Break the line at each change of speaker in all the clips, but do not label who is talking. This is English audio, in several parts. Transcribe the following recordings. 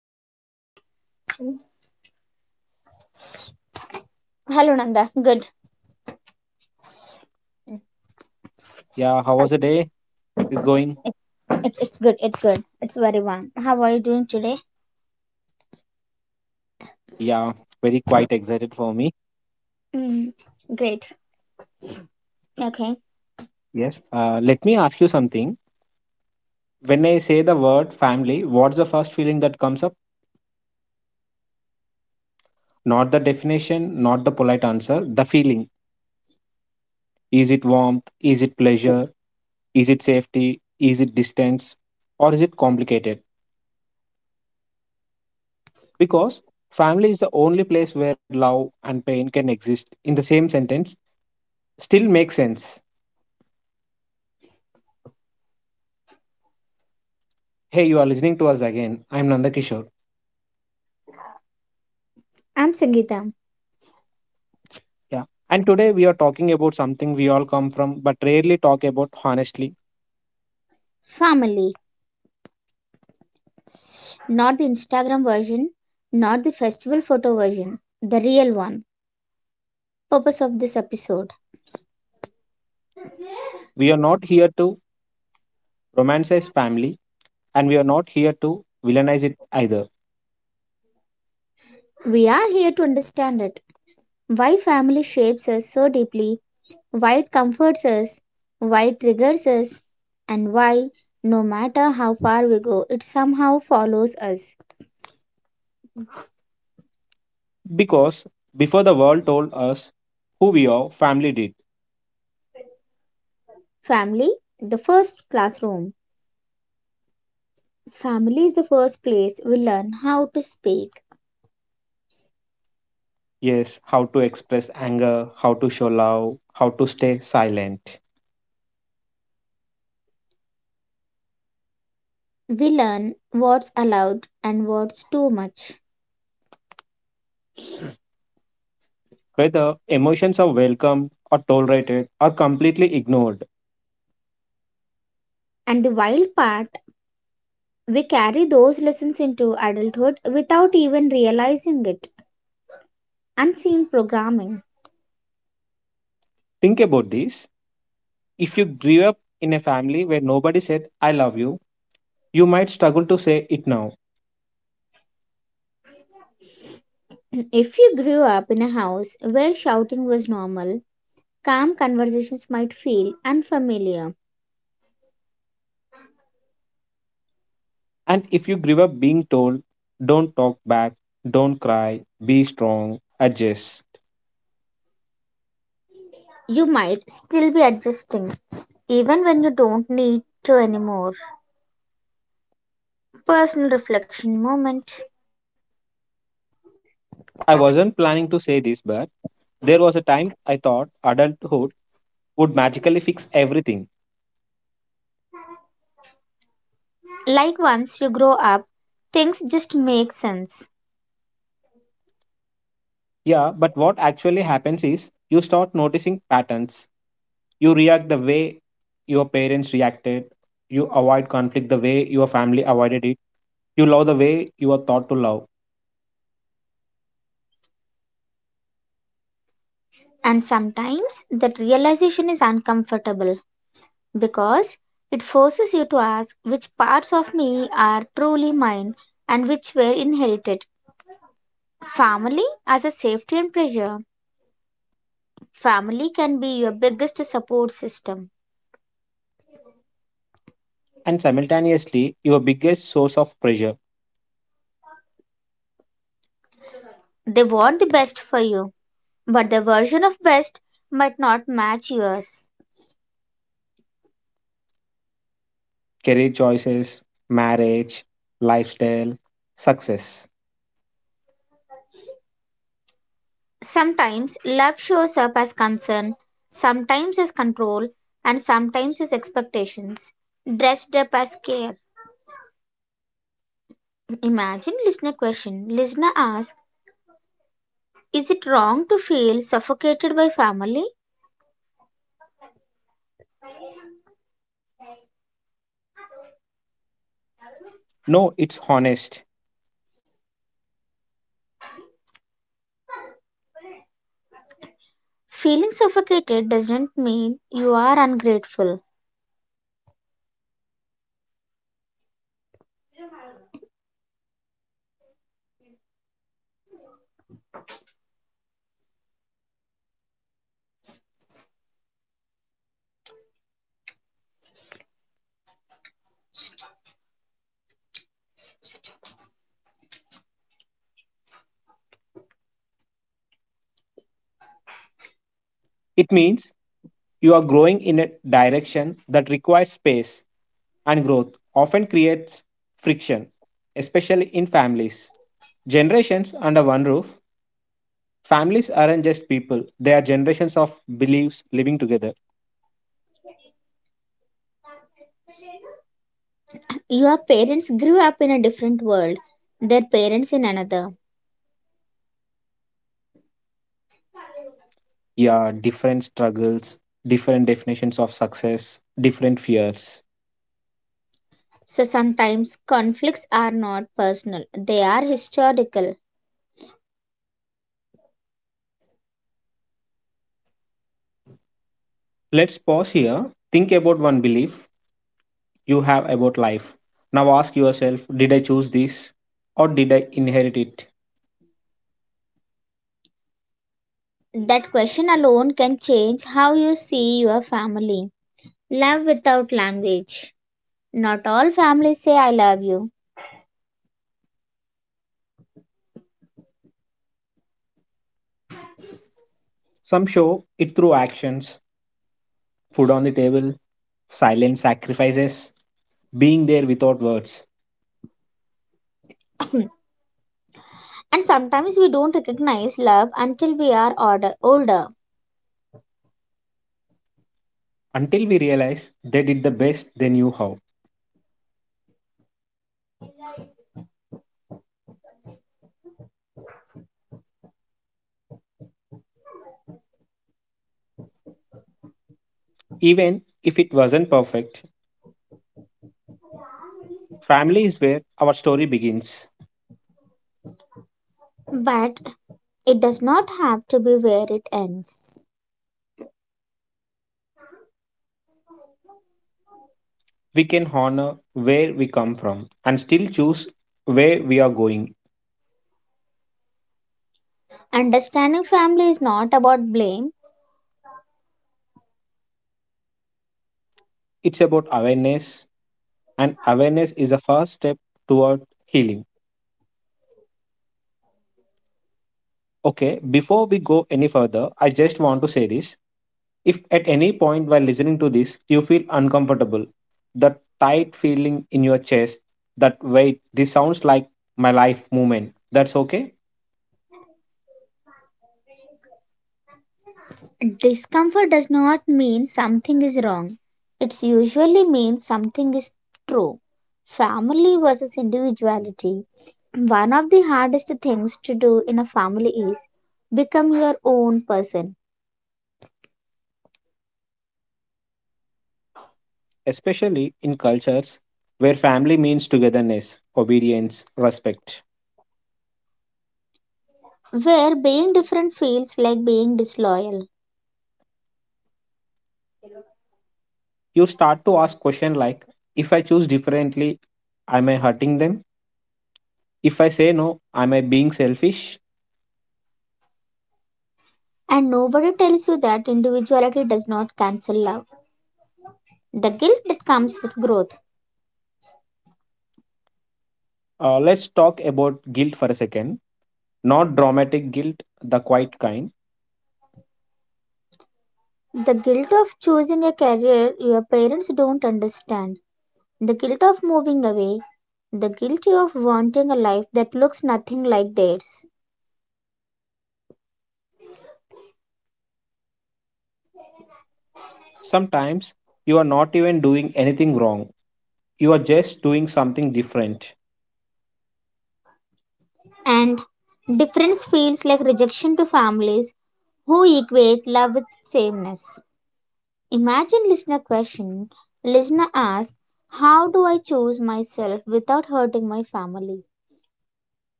how are you?
Mm. Hello, Nanda. Good.
Yeah, how was the day? Is going?
It's good. It's good. It's very warm. How are you doing today?
Yeah, very quite excited for me.
Mm, great. Okay.
Yes. Let me ask you something. When I say the word family, what's the first feeling that comes up? Not the definition, not the polite answer, the feeling. Is it warmth? Is it pleasure? Is it safety? Is it distance? Or is it complicated? Because family is the only place where love and pain can exist in the same sentence, still makes sense. Hey, you are listening to us again. I'm Nandakishore.
I'm Sangeeta.
Yeah. And today we are talking about something we all come from but rarely talk about honestly.
Family, not the Instagram version, not the festival photo version, the real one. Purpose of this episode.
We are not here to romanticize family, and we are not here to villainize it either.
We are here to understand it. Why family shapes us so deeply, why it comforts us, why it triggers us, and why, no matter how far we go, it somehow follows us.
Because before the world told us who we are, family did.
Family, the first classroom. Family is the first place we learn how to speak.
Yes, how to express anger, how to show love, how to stay silent.
We learn what's allowed and what's too much.
Whether emotions are welcomed or tolerated or completely ignored.
And the wild part, we carry those lessons into adulthood without even realizing it. Unseen programming.
Think about this. If you grew up in a family where nobody said, I love you, you might struggle to say it now.
If you grew up in a house where shouting was normal, calm conversations might feel unfamiliar.
And if you grew up being told, don't talk back, don't cry, be strong, adjust.
You might still be adjusting, even when you don't need to anymore. Personal reflection moment.
I wasn't planning to say this, but there was a time I thought adulthood would magically fix everything.
Like once you grow up, things just make sense.
Yeah, but what actually happens is you start noticing patterns. You react the way your parents reacted. You avoid conflict the way your family avoided it. You love the way you are taught to love.
And sometimes that realization is uncomfortable because it forces you to ask which parts of me are truly mine and which were inherited. Family as a safety and pressure. Family can be your biggest support system.
And simultaneously, your biggest source of pressure:
They want the best for you, but their version of best might not match yours.
career choices, marriage, lifestyle, success.
Sometimes love shows up as concern, sometimes as control, and sometimes as expectations, dressed up as care. Imagine listener question. Listener asks, is it wrong to feel suffocated by family?
No, it's honest.
Feeling suffocated doesn't mean you are ungrateful.
It means you are growing in a direction that requires space, and growth often creates friction, especially in families. Generations under one roof, families aren't just people, they are generations of beliefs living together.
Your parents grew up in a different world, their parents in another.
Yeah, different struggles, different definitions of success, different fears.
So sometimes conflicts are not personal, they are historical.
Let's pause here. Think about one belief you have about life. Now ask yourself, did I choose this or did I inherit it?
That question alone can change how you see your family. Love without language. Not all families say I love you.
Some show it through actions, food on the table, silent sacrifices, being there without words,
And sometimes we don't recognize love until we are older.
until we realize they did the best they knew how. Even if it wasn't perfect, family is where our story begins.
But it does not have to be where it ends.
We can honor where we come from and still choose where we are going.
Understanding family is not about blame.
It's about awareness, and awareness is the first step toward healing. Okay, before we go any further, I just want to say this. If at any point while listening to this you feel uncomfortable, that tight feeling in your chest, that wait, this sounds like my life movement, that's okay.
Discomfort does not mean something is wrong. It usually means something is true. Family versus individuality. One of the hardest things to do in a family is become your own person,
Especially in cultures where family means togetherness, obedience, respect.
where being different feels like being disloyal.
You start to ask questions like, if I choose differently, am I hurting them? If I say no, am I being selfish?
And nobody tells you that individuality does not cancel love. The guilt that comes with growth.
Let's talk about guilt for a second. Not dramatic guilt, the quiet kind.
The guilt of choosing a career your parents don't understand. The guilt of moving away, the guilty of wanting a life that looks nothing like theirs.
Sometimes you are not even doing anything wrong, you are just doing something different.
And difference feels like rejection to families who equate love with sameness. Imagine listener question. Listener asks, how do I choose myself without hurting my family?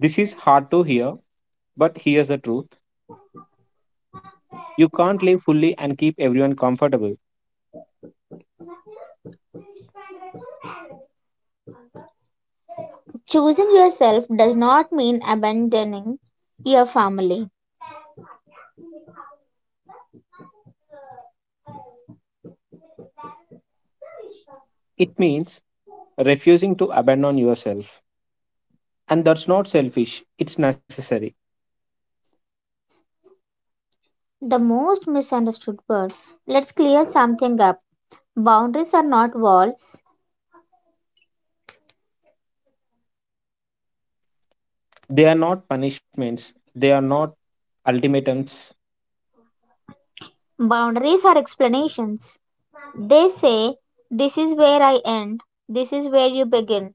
This is hard to hear, but here's the truth: you can't live fully and keep everyone comfortable.
Choosing yourself does not mean abandoning your family.
It means refusing to abandon yourself. And that's not selfish, it's necessary.
The most misunderstood word. Let's clear something up. Boundaries are not walls.
They are not punishments, they are not ultimatums.
Boundaries are explanations. They say, this is where I end, this is where you begin.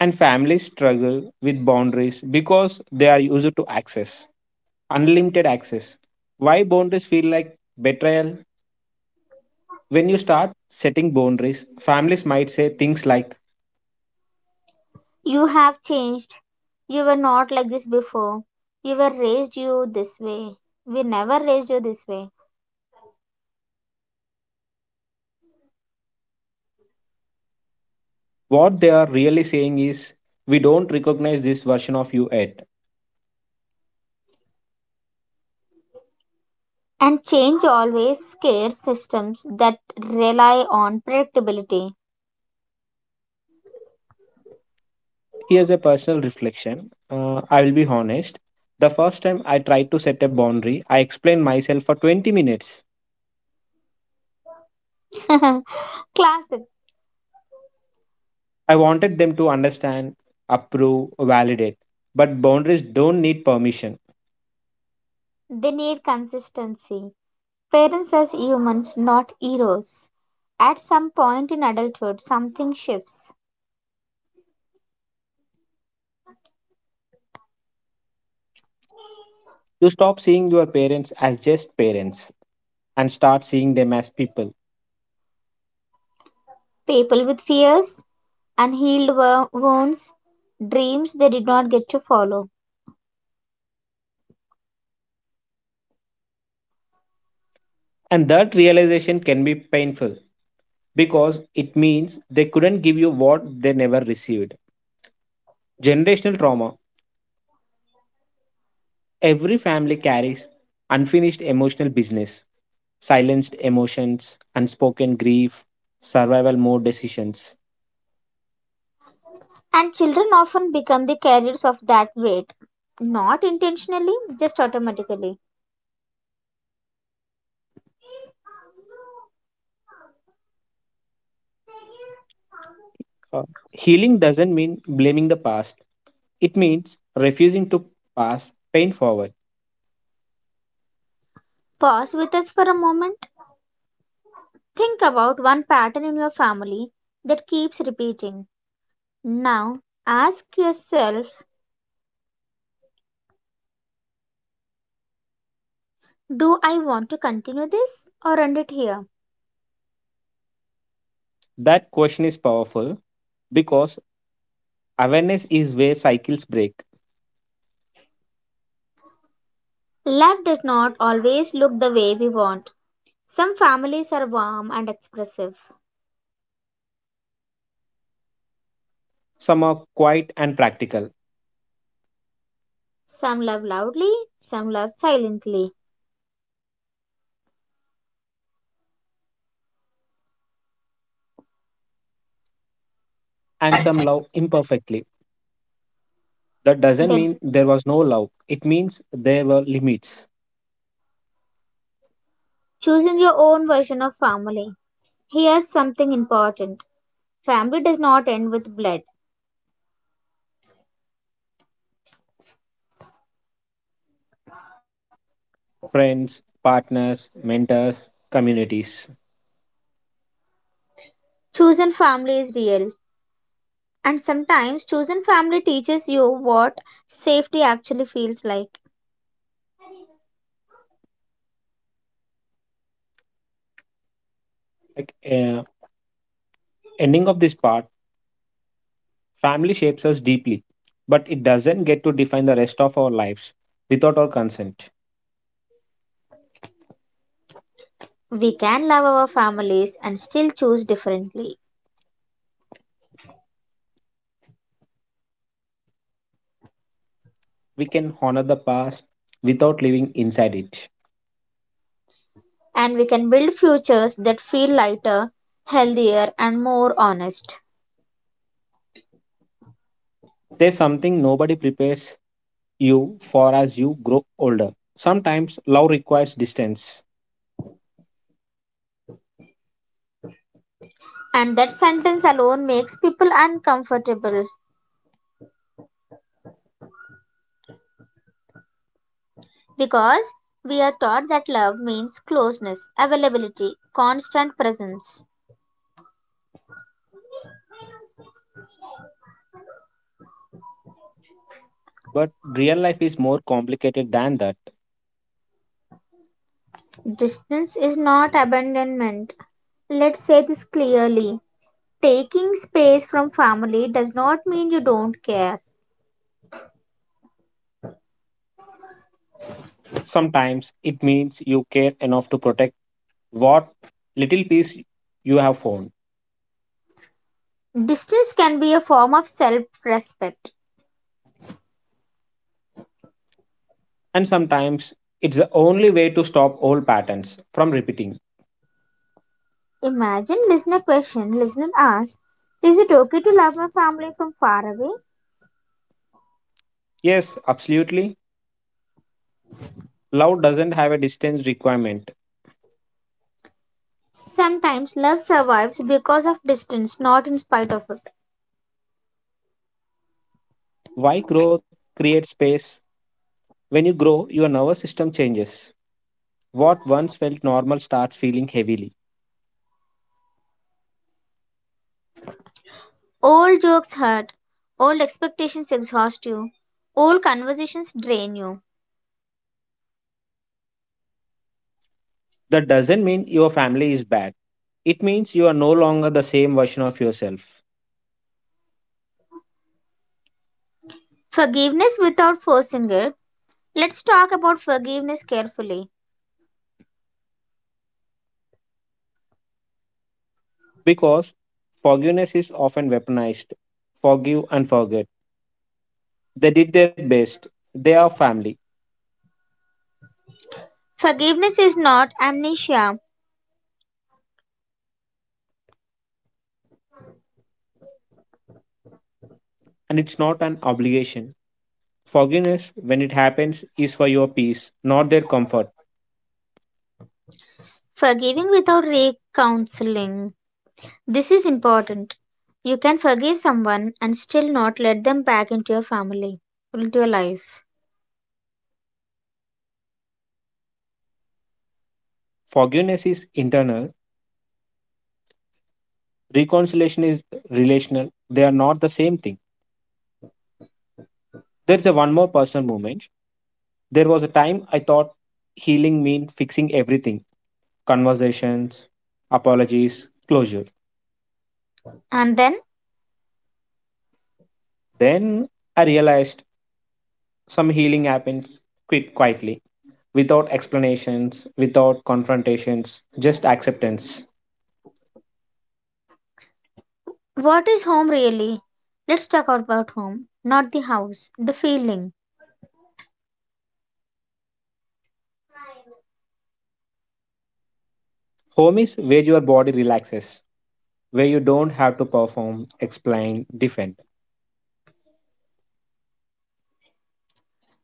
And families struggle with boundaries because they are used to access, unlimited access. Why boundaries feel like betrayal? When you start setting boundaries, families might say things like,
You have changed. You were not like this before. You were raised you this way. We never raised you this way.
what they are really saying is, we don't recognize this version of you yet.
And change always scares systems that rely on predictability.
Here's a personal reflection. I will be honest. The first time I tried to set a boundary, I explained myself for 20 minutes.
Classic.
I wanted them to understand, approve, validate. But boundaries don't need permission.
They need consistency. Parents as humans, not heroes. At some point in adulthood, something shifts.
You stop seeing your parents as just parents and start seeing them as people.
People with fears, unhealed wounds, dreams they did not get to follow.
And that realization can be painful because it means they couldn't give you what they never received. Generational trauma. Every family carries unfinished emotional business, silenced emotions, unspoken grief, survival mode decisions.
And children often become the carriers of that weight, not intentionally, just automatically.
Uh, Healing doesn't mean blaming the past, it means refusing to pass pain forward.
Pause with us for a moment. Think about one pattern in your family that keeps repeating. Now, ask yourself, do I want to continue this or end it here?
That question is powerful because awareness is where cycles break.
Life does not always look the way we want. Some families are warm and expressive.
Some are quiet and practical,
Some love loudly, some love silently.
and some love imperfectly. That doesn't
They
mean there was no love. It means there were limits.
choosing your own version of family. Here's something important: family does not end with blood.
Friends, partners, mentors, communities.
Chosen family is real, and sometimes chosen family teaches you what safety actually feels like.
Like ending of this part, family shapes us deeply, but it doesn't get to define the rest of our lives without our consent.
We can love our families and still choose differently,
We can honor the past without living inside it.
and we can build futures that feel lighter, healthier, and more honest.
There's something nobody prepares you for as you grow older. Sometimes love requires distance,
And that sentence alone makes people uncomfortable because we are taught that love means closeness, availability, constant presence.
but real life is more complicated than that.
Distance is not abandonment. Let's say this clearly. Taking space from family does not mean you don't care.
Sometimes it means you care enough to protect what little piece you have found.
Distance can be a form of self respect.
And sometimes it's the only way to stop old patterns from repeating.
Imagine listener question, listener asks, is it okay to love my family from far away?
Yes, absolutely. Love doesn't have a distance requirement.
Sometimes love survives because of distance, not in spite of it.
Why growth creates space? When you grow, your nervous system changes. What once felt normal starts feeling heavily.
Old jokes hurt, old expectations exhaust you, old conversations drain you.
That doesn't mean your family is bad. It means you are no longer the same version of yourself.
Forgiveness without forcing it. Let's talk about forgiveness carefully.
Because forgiveness is often weaponized. Forgive and forget. They did their best. They are family,
Forgiveness is not amnesia.
and it's not an obligation. Forgiveness, when it happens, is for your peace, not their comfort.
Forgiving without recounseling. This is important. You can forgive someone and still not let them back into your family, into your life.
Forgiveness is internal, reconciliation is relational. They are not the same thing. There's a one more personal moment. There was a time I thought healing meant fixing everything: conversations, apologies, closure.
And then,
Then I realized some healing happens quite quietly without explanations, without confrontations, just acceptance.
what is home really? Let's talk about home, not the house, the feeling.
Home is where your body relaxes, where you don't have to perform, explain, defend.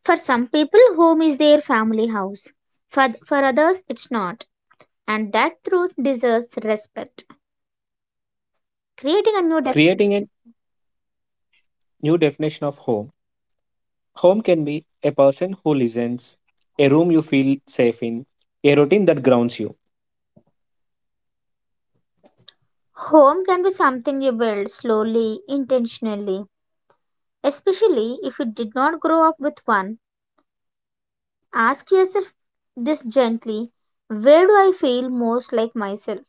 For some people, home is their family house. For others, it's not. And that truth deserves respect. Creating a new definition.
Creating a new definition of home. Home can be a person who listens, a room you feel safe in, a routine that grounds you.
Home can be something you build slowly, intentionally, especially if you did not grow up with one. Ask yourself this gently, where do I feel most like myself?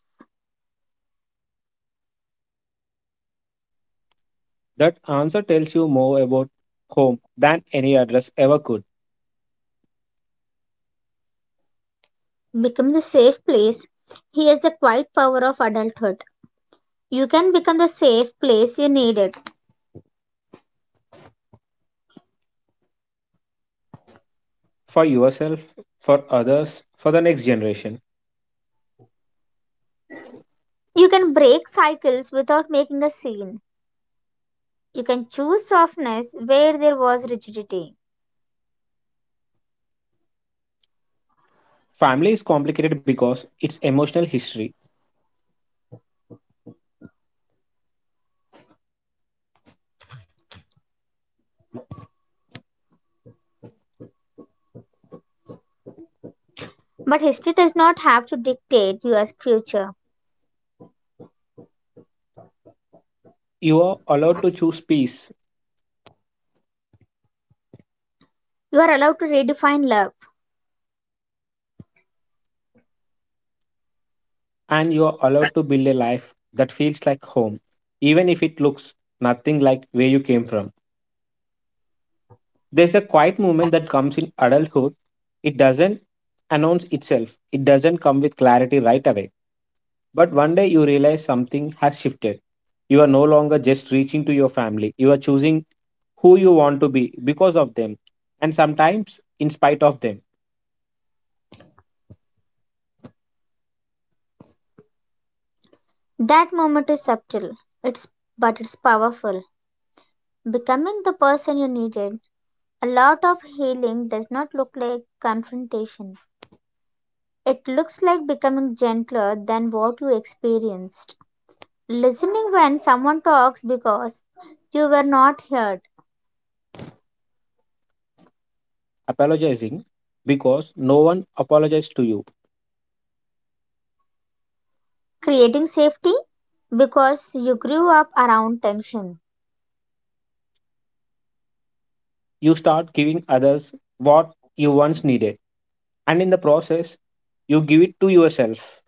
That answer tells you more about home than any address ever could.
Become the safe place. Here's the quiet power of adulthood. You can become the safe place you needed.
For yourself, for others, for the next generation.
You can break cycles without making a scene. You can choose softness where there was rigidity.
Family is complicated because it's emotional history.
But history does not have to dictate your future.
You are allowed to choose peace,
You are allowed to redefine love.
and you are allowed to build a life that feels like home, even if it looks nothing like where you came from. There's a quiet movement that comes in adulthood. It doesn't announce itself, it doesn't come with clarity right away. But one day you realize something has shifted. You are no longer just reaching to your family, you are choosing who you want to be because of them, and sometimes in spite of them,
That moment is subtle, it's but it's powerful. Becoming the person you needed. A lot of healing does not look like confrontation. It looks like becoming gentler than what you experienced. Listening when someone talks because you were not heard.
apologizing because no one apologized to you.
Creating safety because you grew up around tension.
You start giving others what you once needed. And in the process, you give it to yourself.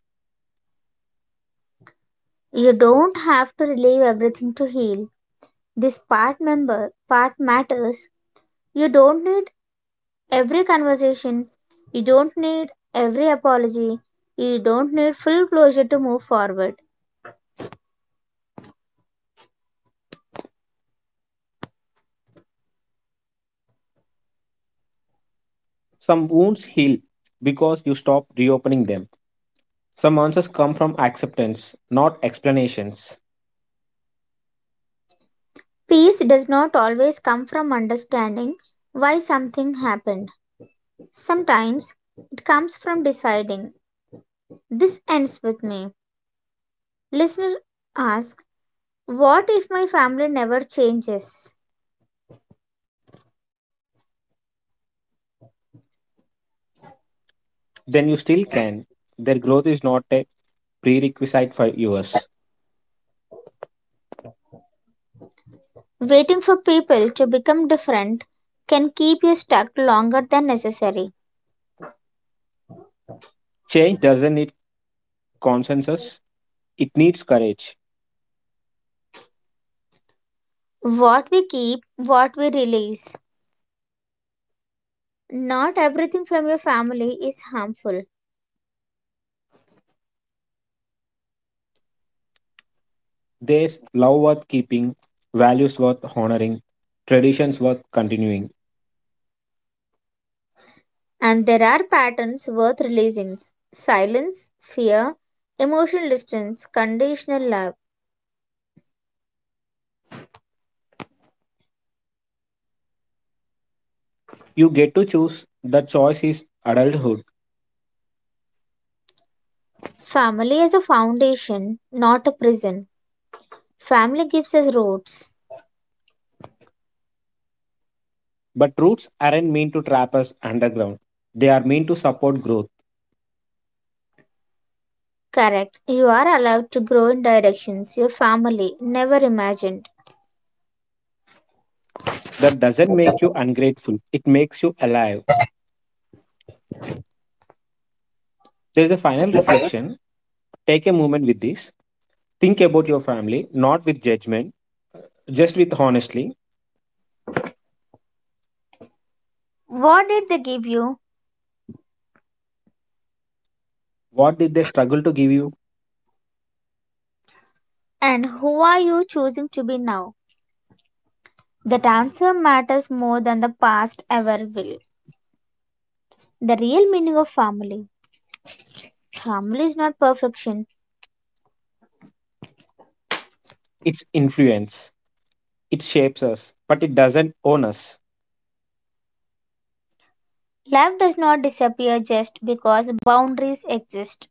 You don't have to relieve everything to heal. This part member part matters. You don't need every conversation. You don't need every apology. You don't need full closure to move forward.
Some wounds heal because you stop reopening them. Some answers come from acceptance, not explanations.
Peace does not always come from understanding why something happened. Sometimes it comes from deciding. This ends with me. Listener asks, what if my family never changes?
Then you still can. Their growth is not a prerequisite for yours.
Waiting for people to become different can keep you stuck longer than necessary.
Change doesn't need consensus, it needs courage.
What we keep, what we release. Not everything from your family is harmful,
There's love worth keeping, values worth honoring, traditions worth continuing.
and there are patterns worth releasing: silence, fear, emotional distance, conditional love.
You get to choose. The choice is adulthood.
Family is a foundation, not a prison. Family gives us roots.
But roots aren't meant to trap us underground. They are meant to support growth.
Correct. You are allowed to grow in directions your family never imagined.
That doesn't make you ungrateful, it makes you alive. There's a final reflection. Take a moment with this. Think about your family, not with judgment, just with honestly.
What did they give you,
What did they struggle to give you?
and who are you choosing to be now? That answer matters more than the past ever will. The real meaning of family. Family is not perfection.
It's influence. It shapes us, but it doesn't own us.
Life does not disappear just because boundaries exist.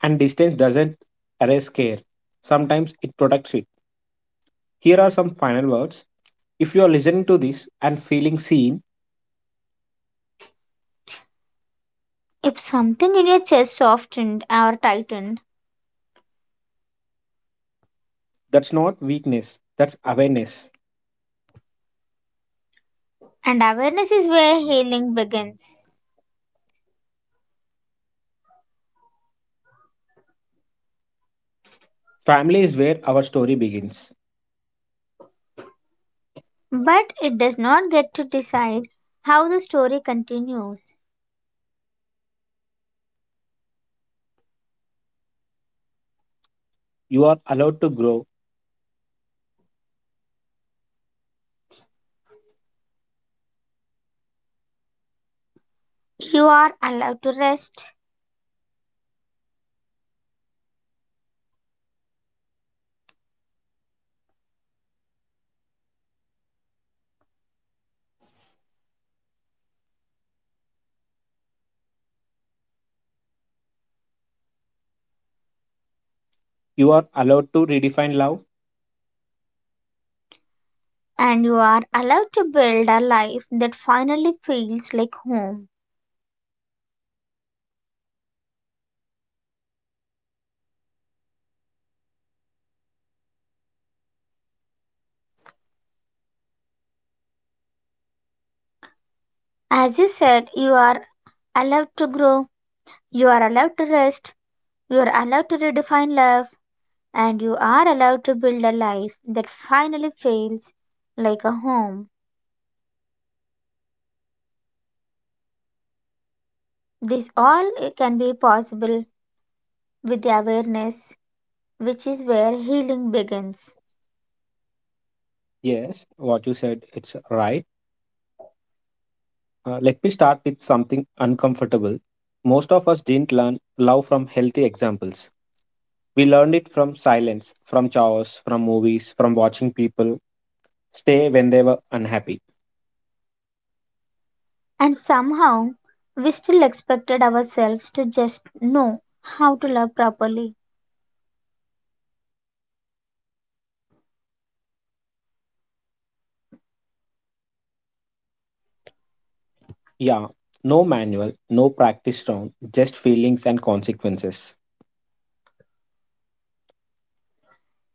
And distance doesn't erase care. Sometimes it protects it. Here are some final words. If you are listening to this and feeling seen,
If something in your chest softened or tightened,
that's not weakness, that's awareness.
and awareness is where healing begins.
Family is where our story begins.
But it does not get to decide how the story continues.
You are allowed to grow.
You are allowed to rest,
You are allowed to redefine love.
and you are allowed to build a life that finally feels like home. As you said, you are allowed to grow, you are allowed to rest, you are allowed to redefine love, and you are allowed to build a life that finally feels like a home. This all can be possible with the awareness, which is where healing begins.
Yes, what you said, it's right. Let me start with something uncomfortable. Most of us didn't learn love from healthy examples. We learned it from silence, from chores, from movies, from watching people stay when they were unhappy.
And somehow, we still expected ourselves to just know how to love properly.
Yeah, no manual, no practice round, just feelings and consequences.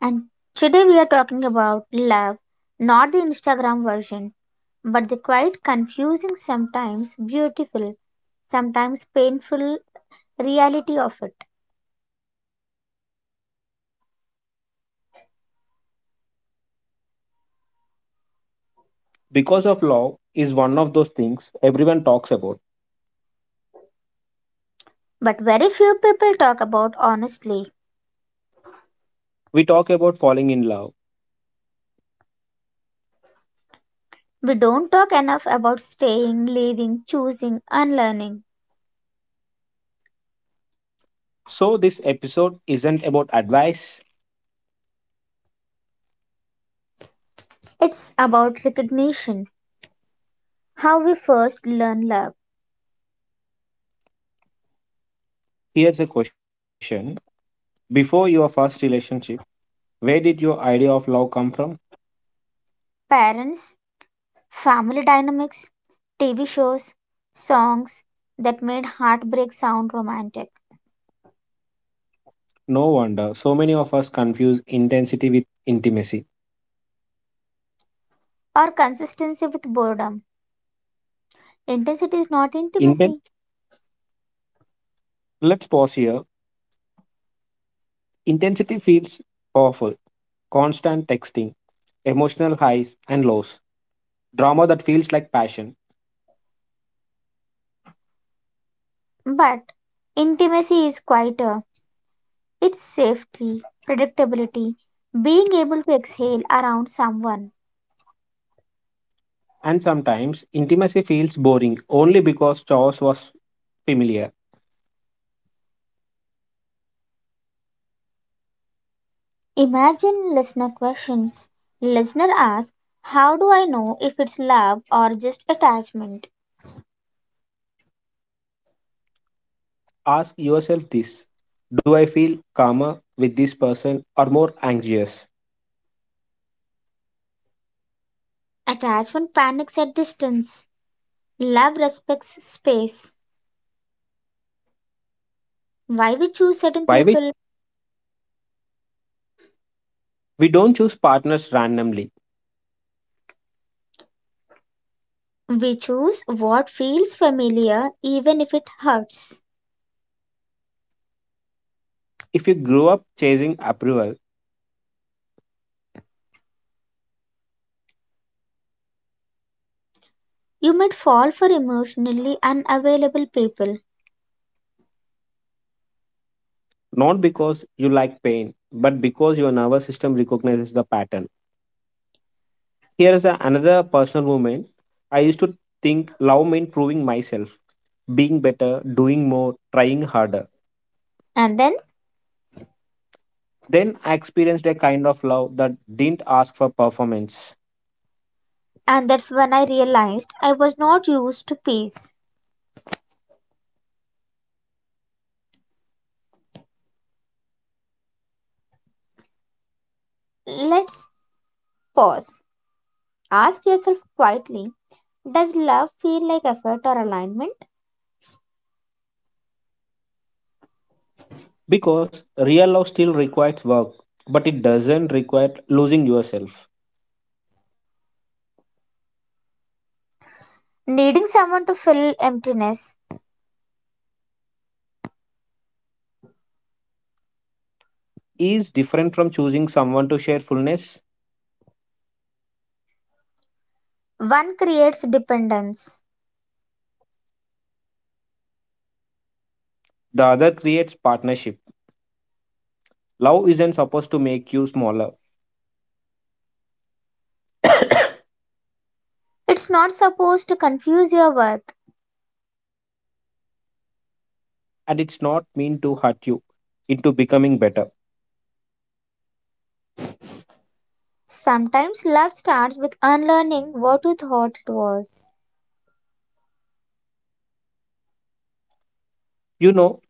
And today, we are talking about love, not the Instagram version, but the quite confusing, sometimes beautiful, sometimes painful reality of it.
Because of love is one of those things everyone talks about.
But very few people talk about honestly.
We talk about falling in love.
We don't talk enough about staying, leaving, choosing, unlearning.
So, this episode isn't about advice.
It's about recognition, how we first learn love.
Here's a question: before your first relationship, where did your idea of love come from?
Parents, family dynamics, TV shows, songs that made heartbreak sound romantic,
No wonder so many of us confuse intensity with intimacy.
or consistency with boredom. Intensity is not
Inten-
intimacy,
Let's pause here. Intensity feels powerful, constant texting, emotional highs and lows, drama that feels like passion.
but intimacy is quieter. It's safety, predictability, being able to exhale around someone.
And sometimes intimacy feels boring only because chores was familiar.
Imagine listener question. Listener asks, how do I know if it's love or just attachment?
Ask yourself this, do I feel calmer with this person or more anxious?
Attachment panics at distance. Love respects space. Why we choose certain
By which
people?
we don't choose partners randomly.
We choose what feels familiar even if it hurts.
If you grew up chasing approval,
You might fall for emotionally unavailable people.
not because you like pain, but because your nervous system recognizes the pattern. Here is another personal moment. I used to think love meant proving myself, being better, doing more, trying harder.
And then,
Then I experienced a kind of love that didn't ask for performance.
and that's when I realized I was not used to peace. Let's pause. Ask yourself quietly, does love feel like effort or alignment?
Because real love still requires work, but it doesn't require losing yourself.
Needing someone to fill emptiness,
Is different from choosing someone to share fullness.
one creates dependence.
The other creates partnership. Love isn't supposed to make you smaller,
It's not supposed to confuse your worth.
and it's not meant to hurt you into becoming better.
Sometimes love starts with unlearning what you thought it was.
You know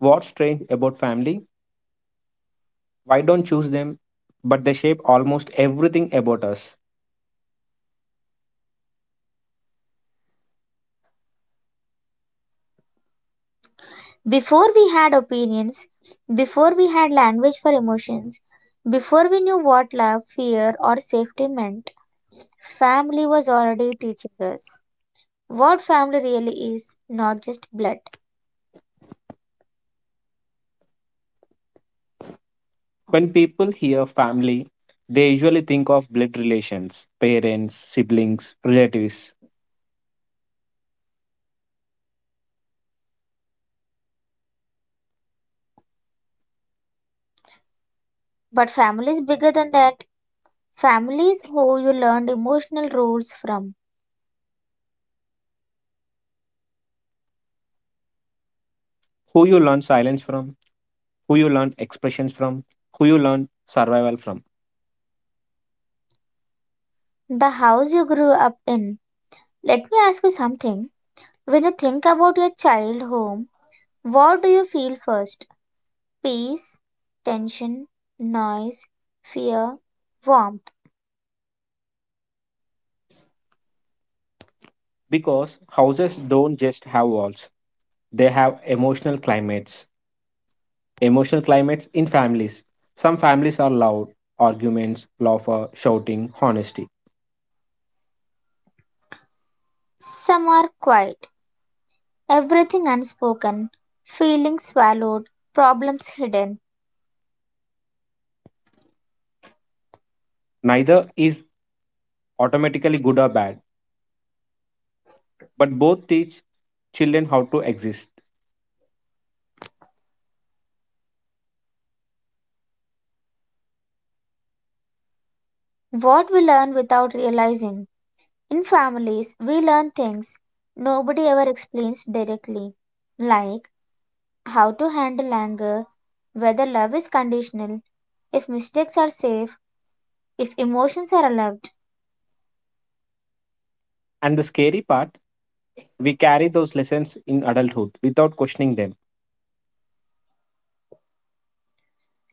what's strange about family? Why don't choose them? But they shape almost everything about us.
Before we had opinions, before we had language for emotions, before we knew what love, fear, or safety meant, family was already teaching us what family really is, not just blood.
When people hear family, they usually think of blood relations, parents, siblings, relatives.
But family is bigger than that. Families who you learned emotional roots from,
Who you learn silence from, who you learn expressions from, who you learn survival from.
the house you grew up in. Let me ask you something. When you think about your child home, what do you feel first? Peace, tension, noise, fear, warmth.
Because houses don't just have walls, they have emotional climates. Emotional climates in families. Some families are loud, arguments, laughter, shouting, honesty.
Some are quiet, everything unspoken, feelings swallowed, problems hidden.
Neither is automatically good or bad, but both teach children how to exist.
What we learn without realizing. In families, we learn things nobody ever explains directly, like how to handle anger, whether love is conditional, if mistakes are safe, if emotions are allowed.
And the scary part, we carry those lessons in adulthood without questioning them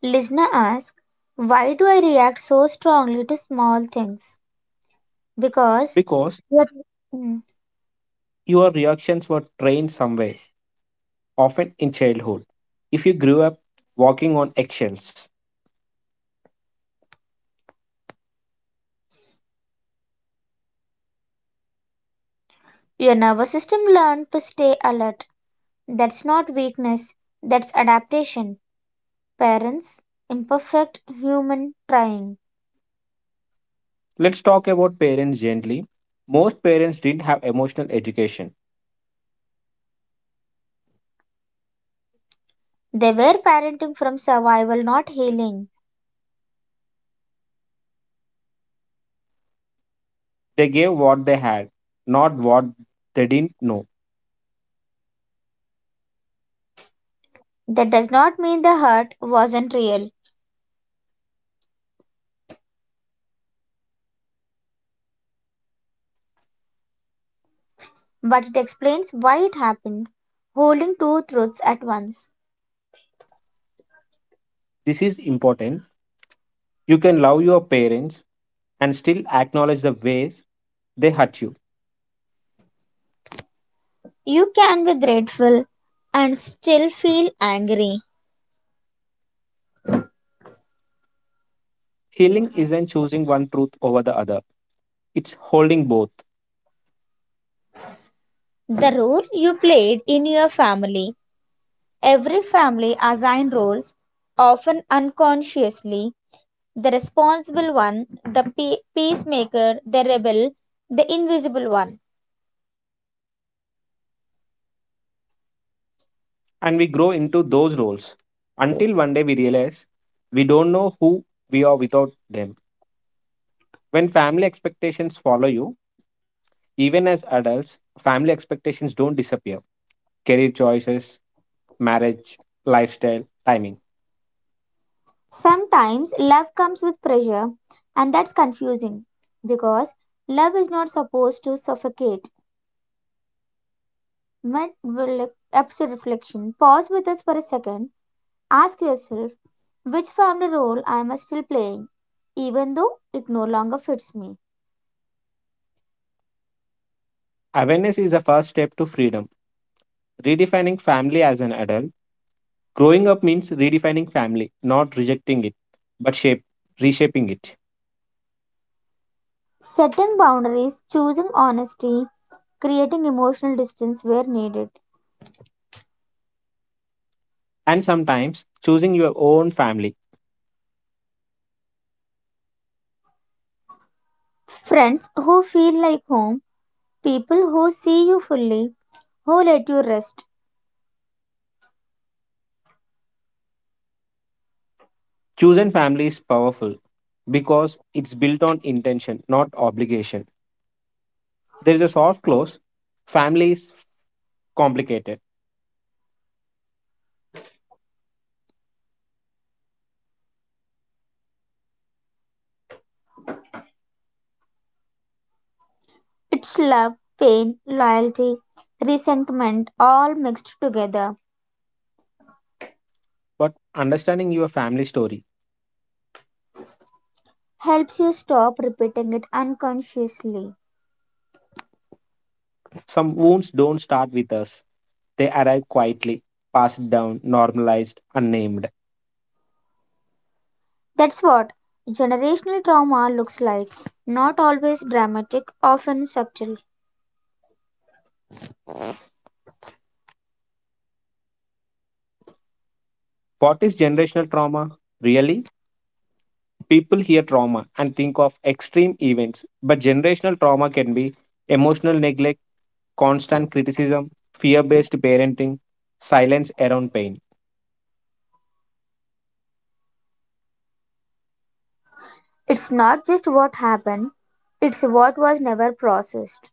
Listener asks, why do I react so strongly to small things? Because
because
your, Mm.
your reactions were trained somewhere often in childhood. If you grew up walking on eggshells,
your nervous system learned to stay alert. That's not weakness, that's adaptation. Parents, imperfect human trying.
let's talk about parents gently. Most parents didn't have emotional education,
They were parenting from survival, not healing.
they gave what they had, not what they didn't know.
That does not mean the hurt wasn't real, but it explains why it happened, holding two truths at once.
This is important. You can love your parents and still acknowledge the ways they hurt you.
You can be grateful and still feel angry.
Healing isn't choosing one truth over the other, it's holding both.
The role you played in your family. Every family assigns roles, often unconsciously. The responsible one, the peacemaker, the rebel, the invisible one.
And we grow into those roles until one day we realize we don't know who we are without them. When family expectations follow you, even as adults, family expectations don't disappear. Career choices, marriage, lifestyle, timing.
Sometimes love comes with pressure, and that's confusing because love is not supposed to suffocate. Mid episode reflection, pause with us for a second. Ask yourself which family role I am I still playing, even though it no longer fits me.
Awareness is the first step to freedom. Redefining family as an adult. Growing up means redefining family, not rejecting it, but reshaping it.
Setting boundaries, choosing honesty, creating emotional distance where needed.
And sometimes choosing your own family.
Friends who feel like home, people who see you fully, who let you rest.
Chosen family is powerful because it's built on intention, not obligation. There is a soft close. Family is complicated
It's love, pain, loyalty, resentment all mixed together.
but understanding your family story.
Helps you stop repeating it unconsciously.
Some wounds don't start with us, they arrive quietly, passed down, normalized, unnamed.
That's what generational trauma looks like. Not always dramatic, often subtle.
What is generational trauma? Really? People hear trauma and think of extreme events, but generational trauma can be emotional neglect, constant criticism, fear based parenting, silence around pain.
It's not just what happened, it's what was never processed.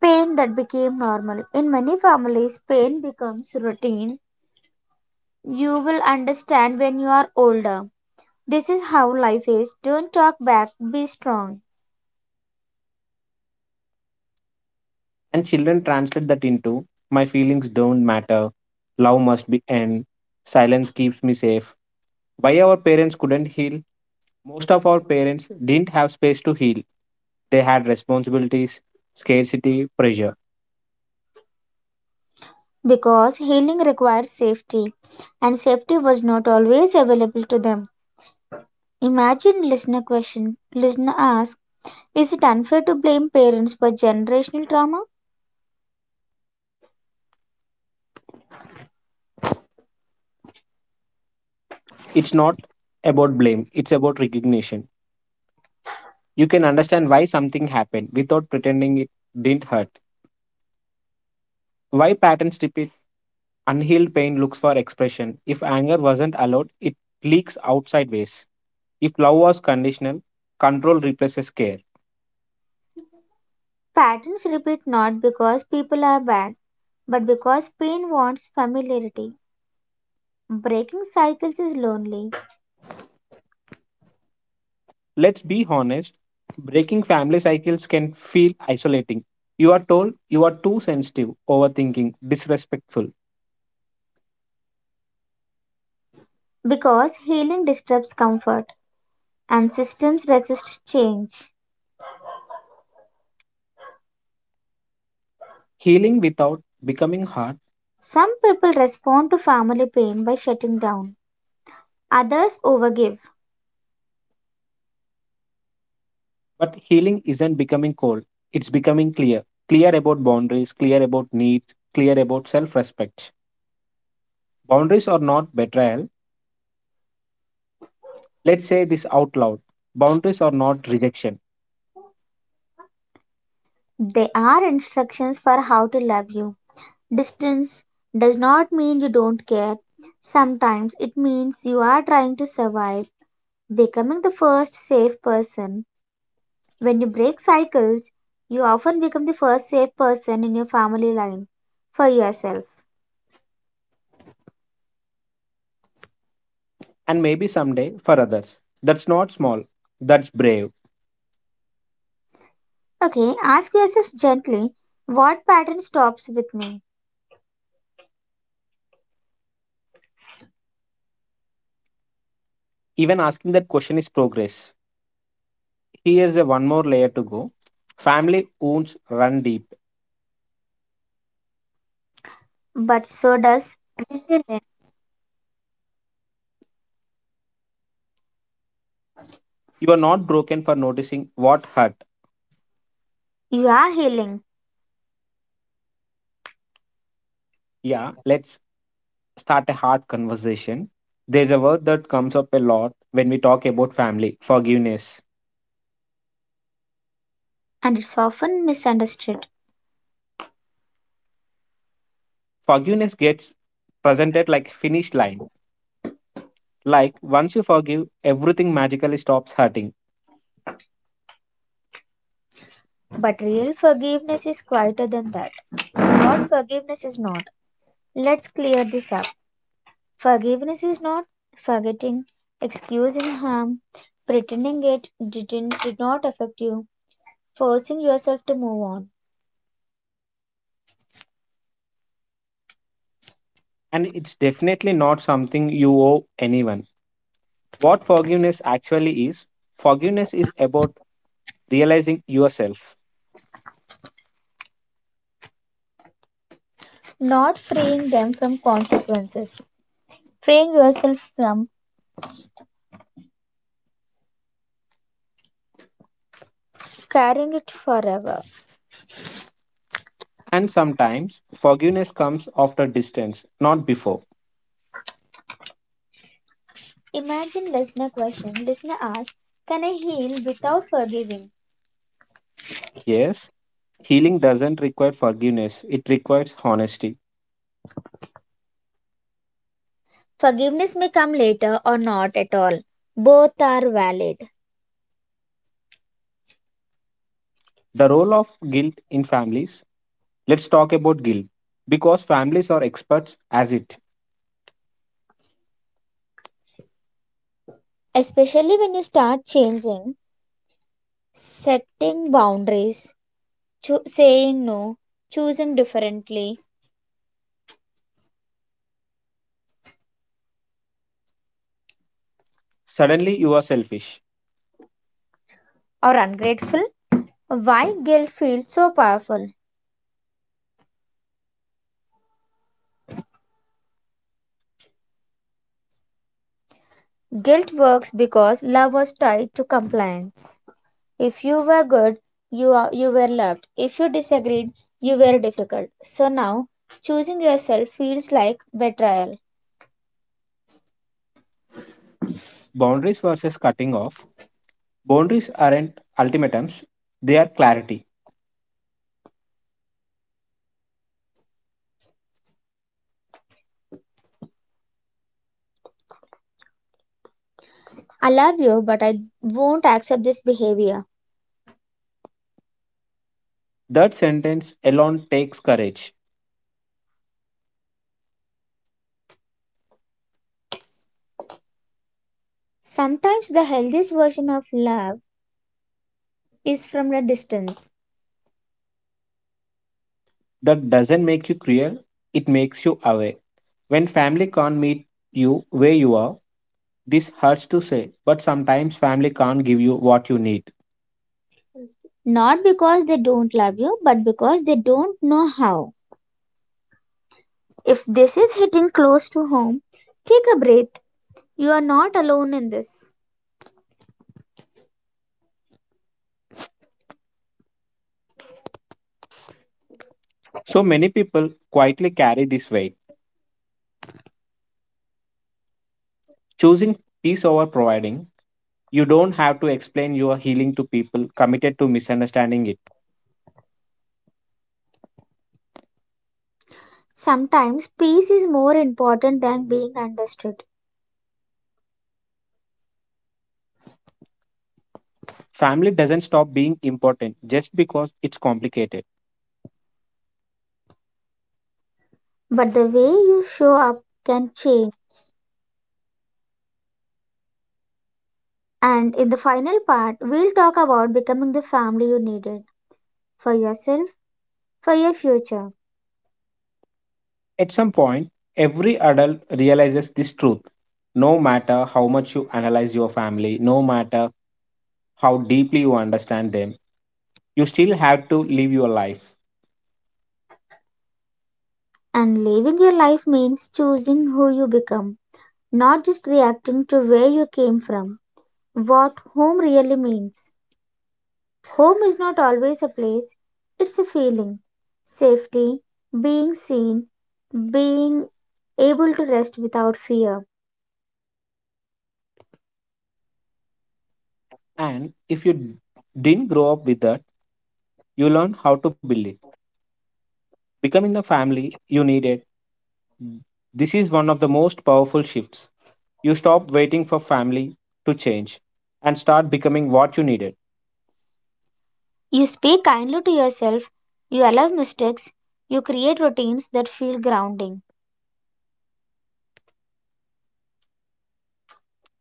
Pain that became normal. In many families, pain becomes routine. You will understand when you are older. This is how life is. Don't talk back, be strong.
And children translate that into my feelings don't matter, love must be end, silence keeps me safe. Why our parents couldn't heal? Most of our parents didn't have space to heal. They had responsibilities, scarcity, pressure.
Because healing requires safety, and safety was not always available to them. Imagine listener question. Listener asks, is it unfair to blame parents for generational trauma?
It's not about blame, it's about recognition. You can understand why something happened without pretending it didn't hurt. Why patterns repeat, unhealed pain looks for expression. If anger wasn't allowed, it leaks outside ways. If love was conditional, control replaces care.
Patterns repeat not because people are bad, but because pain wants familiarity. Breaking cycles is lonely
Let's be honest, breaking family cycles can feel isolating. You are told you are too sensitive, overthinking, disrespectful.
because healing disturbs comfort and systems resist change.
Healing without becoming hard,
Some people respond to family pain by shutting down, others overgive.
but healing isn't becoming cold, it's becoming clear. Clear about boundaries, clear about needs, clear about self respect. Boundaries are not betrayal. Let's say this out loud. Boundaries are not rejection,
There are instructions for how to love you. Distance does not mean you don't care, sometimes it means you are trying to survive. Becoming the first safe person. When you break cycles, you often become the first safe person in your family line for yourself.
and maybe someday for others. That's not small, that's brave.
Okay, ask yourself gently, what pattern stops with me?
Even asking that question is progress. Here's a one more layer to go. Family wounds run deep.
But so does resilience.
You are not broken for noticing what hurt.
You are healing,
Yeah, let's start a hard conversation. There's a word that comes up a lot when we talk about family forgiveness.
and it's often misunderstood.
Forgiveness gets presented like finish line. Like once you forgive, everything magically stops hurting.
But real forgiveness is quieter than that. What forgiveness is not. Let's clear this up. Forgiveness is not forgetting, excusing harm, pretending it did not affect you, forcing yourself to move on,
And it's definitely not something you owe anyone. What forgiveness actually is, forgiveness is about realizing yourself.
not freeing them from consequences, freeing yourself from carrying it forever.
And sometimes forgiveness comes after distance, not before.
Imagine listener question. Listener asks, can I heal without forgiving?
Yes, healing doesn't require forgiveness, it requires honesty.
Forgiveness may come later or not at all. Both are valid.
The role of guilt in families. Let's talk about guilt. Because families are experts as it.
Especially when you start changing, setting boundaries, saying no, choosing differently,
Suddenly you are selfish.
or ungrateful? Why guilt feels so powerful? Guilt works because love was tied to compliance. If you were good, you were loved. If you disagreed, you were difficult. So now, choosing yourself feels like betrayal.
Boundaries versus cutting off. Boundaries aren't ultimatums, they are clarity.
I love you, but I won't accept this behavior.
That sentence alone takes courage.
Sometimes the healthiest version of love is from a distance,
That doesn't make you cruel, it makes you aware. When family can't meet you where you are, this hurts to say, but sometimes family can't give you what you need.
not because they don't love you, but because they don't know how. If this is hitting close to home, take a breath. You are not alone in this.
So many people quietly carry this weight. Choosing peace over providing, you don't have to explain your healing to people committed to misunderstanding it.
Sometimes peace is more important than being understood,
Family doesn't stop being important just because it's complicated.
but the way you show up can change. And in the final part, we'll talk about becoming the family you needed for yourself, for your future.
At some point, every adult realizes this truth. No matter how much you analyze your family, no matter how deeply you understand them, you still have to live your life.
And living your life means choosing who you become, not just reacting to where you came from, what home really means. Home is not always a place, it's a feeling. Safety, being seen, being able to rest without fear.
And if you didn't grow up with that, you learn how to build it. Becoming the family you needed. This is one of the most powerful shifts. You stop waiting for family to change and start becoming what you needed.
You speak kindly to yourself, you allow mistakes, you create routines that feel grounding.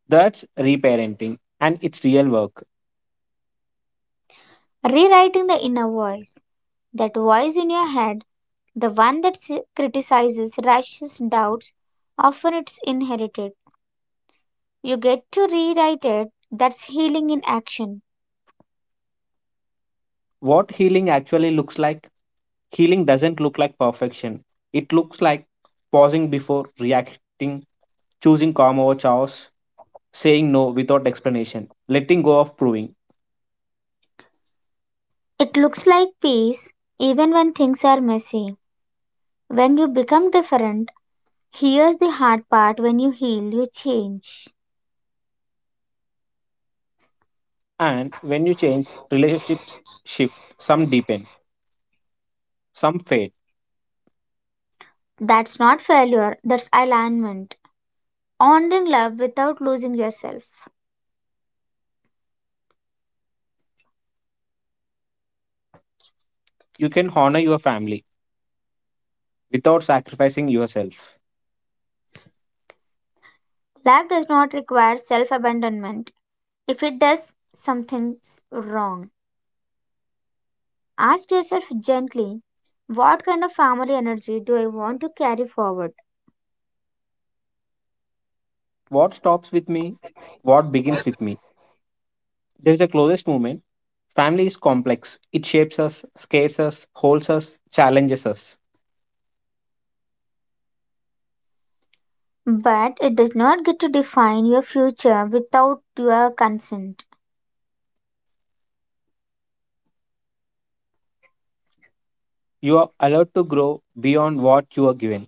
That's reparenting and it's real work.
Rewriting the inner voice, that voice in your head, the one that criticizes, rushes, doubts, often it's inherited. You get to rewrite it, that's healing in action.
What healing actually looks like? Healing doesn't look like perfection. It looks like pausing before reacting, choosing calm over chaos, saying no without explanation, letting go of proving.
It looks like peace even when things are messy. When you become different, here's the hard part: when you heal, you change.
And when you change, relationships shift, some deepen, some fade.
That's not failure, that's alignment. Owned in love without losing yourself.
You can honor your family without sacrificing yourself.
Love does not require self abandonment. If it does, something's wrong. Ask yourself gently, what kind of family energy do I want to carry forward?
What stops with me? What begins with me? There is a closest moment. Family is complex. It shapes us, scares us, holds us, challenges us.
But it does not get to define your future without your consent.
You are allowed to grow beyond what you are given.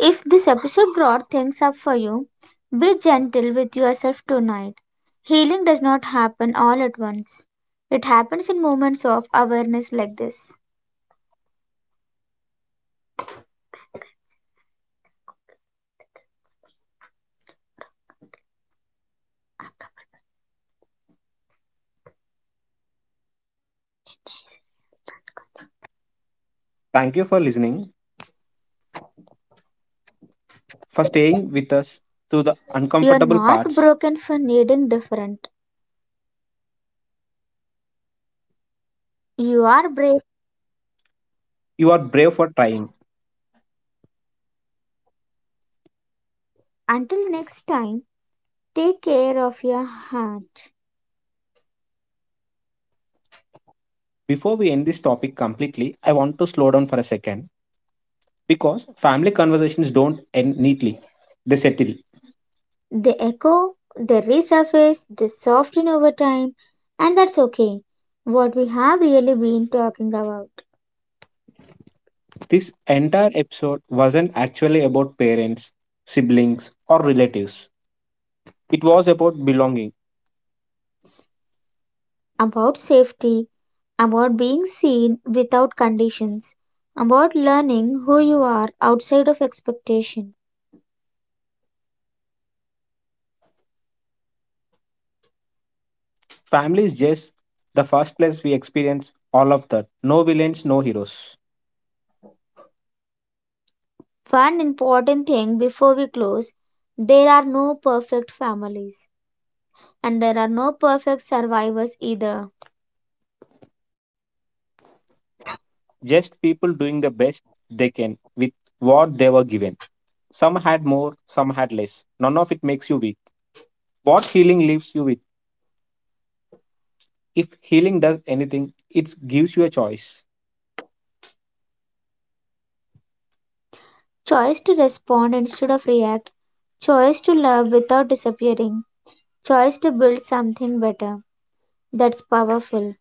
If this episode brought things up for you, be gentle with yourself tonight. Healing does not happen all at once, it happens in moments of awareness like this.
Thank you for listening, for staying with us through the uncomfortable parts.
You are not broken for needing different. You
You are
are
brave
brave.
for trying.
Until next time, take care of your heart.
Before we end this topic completely, I want to slow down for a second because family conversations don't end neatly, they settle.
They echo, they resurface, they soften over time, and that's okay. What we have really been talking about.
This entire episode wasn't actually about parents, siblings, or relatives. It was about belonging.
About safety, about being seen without conditions, about learning who you are outside of expectation.
Family is just the first place we experience all of that. No villains, no heroes.
One important thing before we close: there are no perfect families, and there are no perfect survivors either.
Just people doing the best they can with what they were given. Some had more, some had less. None of it makes you weak. What healing leaves you with? If healing does anything, it gives you a choice.
Choice to respond instead of react, choice to love without disappearing, choice to build something better. That's powerful.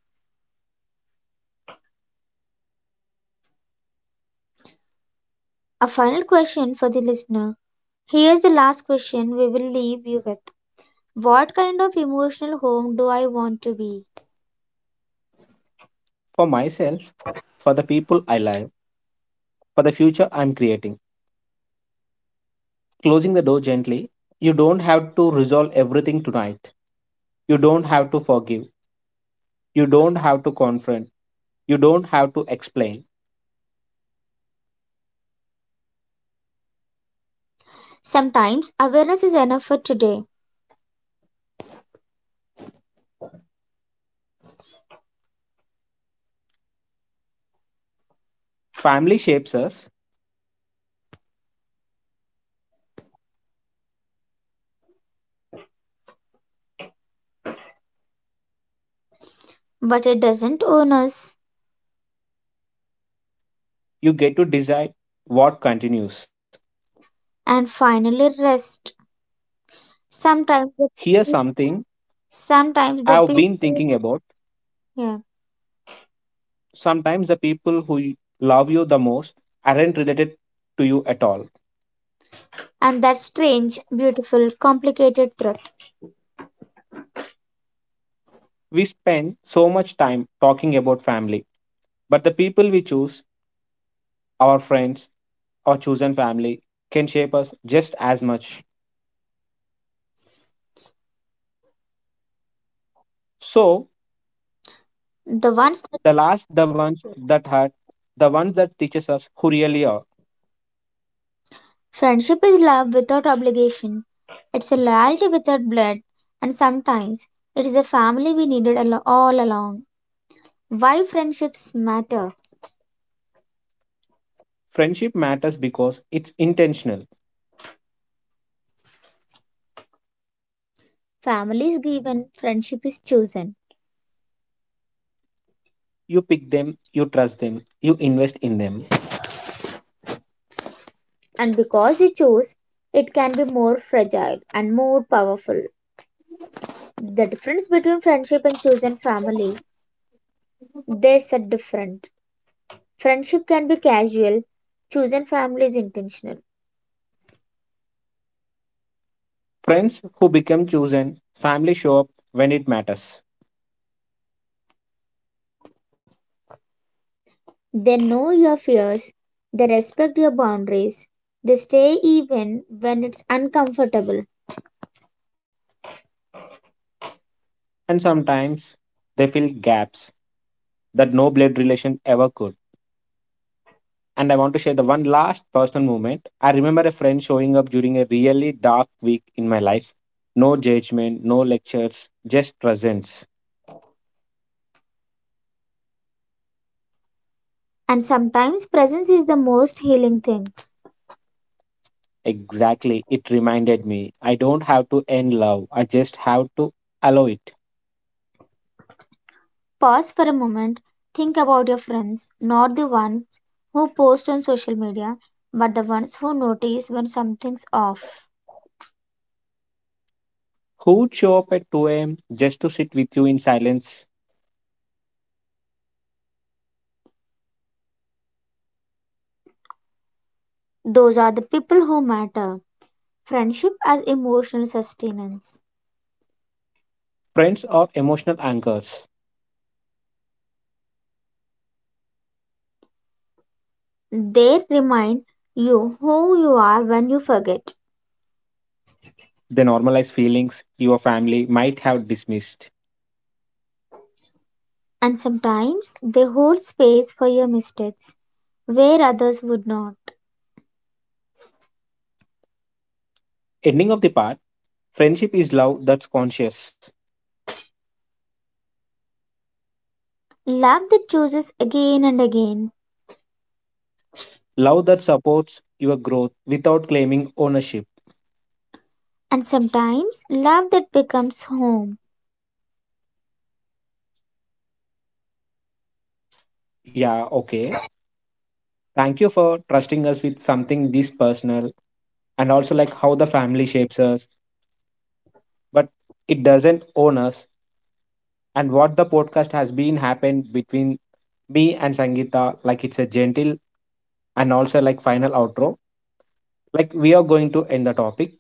A final question for the listener. Here's the last question we will leave you with. What kind of emotional home do I want to be?
For myself, for the people I love, for the future I'm creating. Closing the door gently. You don't have to resolve everything tonight. You don't have to forgive. You don't have to confront. You don't have to explain.
Sometimes awareness is enough for today,
Family shapes us.
but it doesn't own us.
You get to decide what continues.
And finally, rest. Sometimes the
Here's something
sometimes the
I've been
people,
thinking about.
yeah,
Sometimes the people who love you the most aren't related to you at all.
and that strange beautiful complicated truth,
We spend so much time talking about family, but the people we choose, our friends, our chosen family, can shape us just as much. So,
the ones that
the ones that hurt, the ones that teaches us who really are.
friendship is love without obligation, it's a loyalty without blood, and sometimes it is a family we needed all along. Why friendships matter:
Friendship matters because it's intentional.
family is given, friendship is chosen,
You pick them, you trust them, you invest in them.
and because you choose, it can be more fragile and more powerful. The difference between friendship and chosen family, they are different. Friendship can be casual, chosen family is intentional.
Friends who become chosen family show up when it matters,
They know your fears, they respect your boundaries, they stay even when it's uncomfortable.
and sometimes they fill gaps that no blood relation ever could. And I want to share the one last personal moment. I remember a friend showing up during a really dark week in my life, no judgment, no lectures, just presence.
And sometimes presence is the most healing thing.
Exactly. It reminded me I don't have to end love, I just have to allow it.
Pause for a moment, think about your friends, not the ones who post on social media, but the ones who notice when something's off.
Who would show up at 2 a.m. just to sit with you in silence?
Those are the people who matter. Friendship as emotional sustenance.
Friends are emotional anchors.
They remind you who you are when you forget.
They normalize feelings your family might have dismissed.
And sometimes they hold space for your mistakes where others would not.
Ending of the part, friendship is love that's conscious,
Love that chooses again and again.
love that supports your growth without claiming ownership.
And sometimes love that becomes home.
Yeah, okay. Thank you for trusting us with something this personal, and also like how the family shapes us, but it doesn't own us, and what the podcast has been happened between me and Sangeeta. Like it's a gentle and also like final outro. Like we are going to end the topic.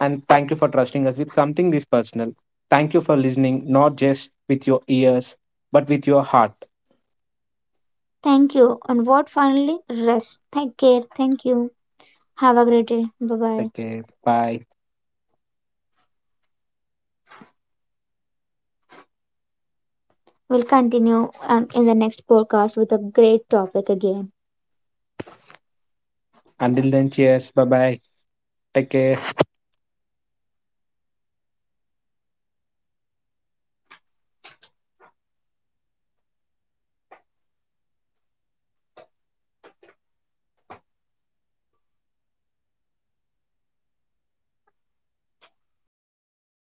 And thank you for trusting us with something this personal. Thank you for listening, not just with your ears, but with your heart.
Thank you. And what finally? Rest. Take care. Thank you. Have a great day. Bye bye.
Take care. Bye.
We'll continue in the next podcast with a great topic again.
Until then, cheers. Bye bye. Take care.